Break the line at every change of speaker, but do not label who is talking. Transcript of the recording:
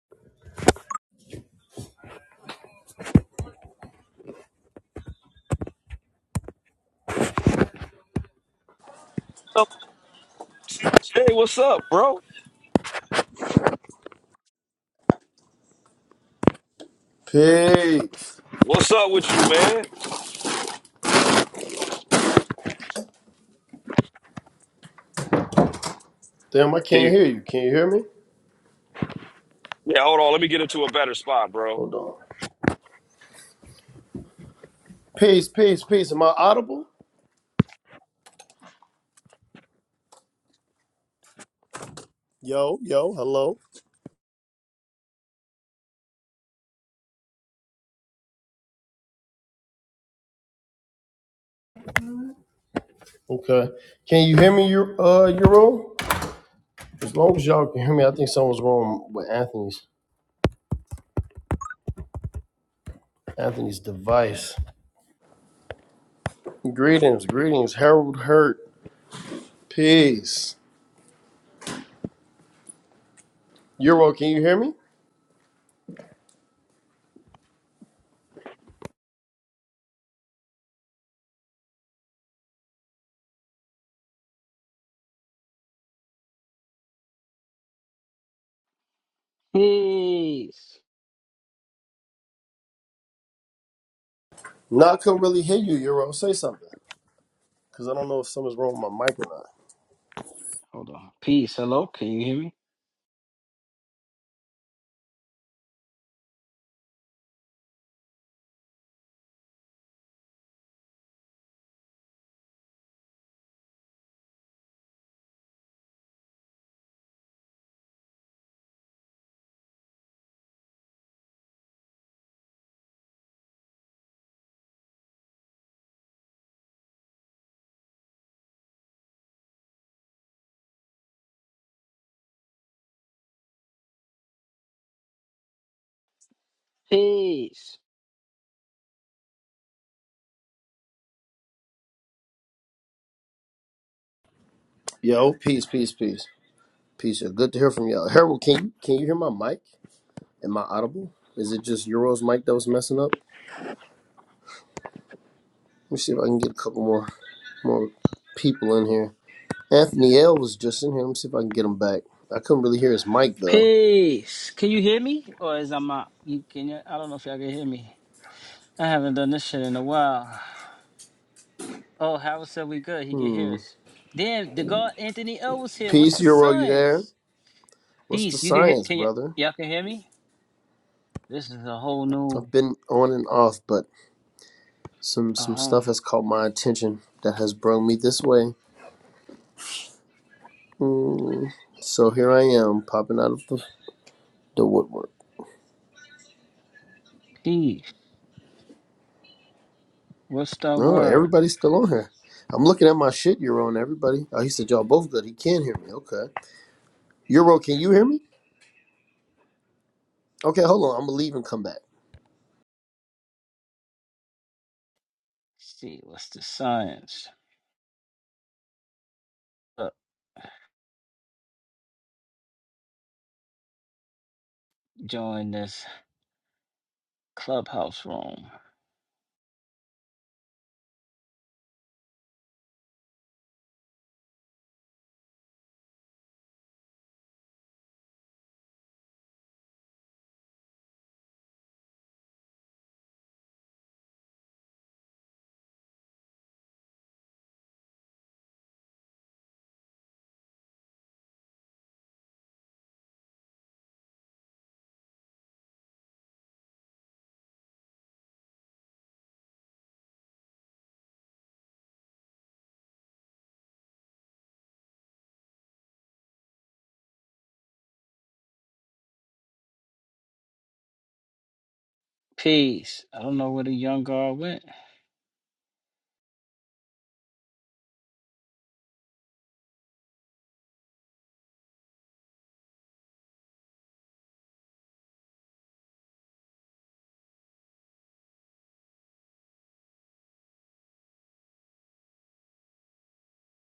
Hey, what's up, bro?
Peace.
What's up with you, man?
Damn, I
Can
can't
you?
hear you. Can you hear me?
Yeah, hold on. Let me get into a better spot, bro.
Hold on. Peace, peace, peace. Am I audible? Yo, yo, hello. Okay. Can you hear me, Eur- uh, Euro? As long as y'all can hear me, I think something's wrong with Anthony's Anthony's device. Greetings, greetings, Harold Hurt. Peace. Euro, can you hear me?
Peace.
No, I couldn't really hear you, Euro. Say something. Because I don't know if something's wrong with my mic or not.
Hold on. Peace. Hello. Can you hear me? Peace.
Yo, peace, peace, peace. Peace. Good to hear from y'all. Harold, can you can you hear my mic? Am I audible? Is it just Euro's mic that was messing up? Let me see if I can get a couple more more people in here. Anthony L was just in here. Let me see if I can get him back. I couldn't really hear his mic though.
Peace. Can you hear me? Or is I'm out? You can. You, I don't know if y'all can hear me. I haven't done this shit in a while. Oh, Howard said we good. He can hear
Hmm.
us. Damn, the God Anthony L was here. What's
Peace,
the
Euro, you there?
science?
What's the
Peace. You can hear?
science,
Can you?
brother?
Y'all can hear me? This is a whole new.
I've been on and off, but some some
Um.
stuff has caught my attention that has brought me this way. Hmm. So here I am, popping out of the, the woodwork.
Peace. What's the
No,
word?
everybody's still on here. I'm looking at my shit, Euro, and everybody. Oh, he said y'all both good. He can hear me. Okay. Euro, can you hear me? Okay, hold on. I'm gonna leave and come back.
Let's see. What's the science? Uh, join this clubhouse room. Peace. I don't know where the young guard went.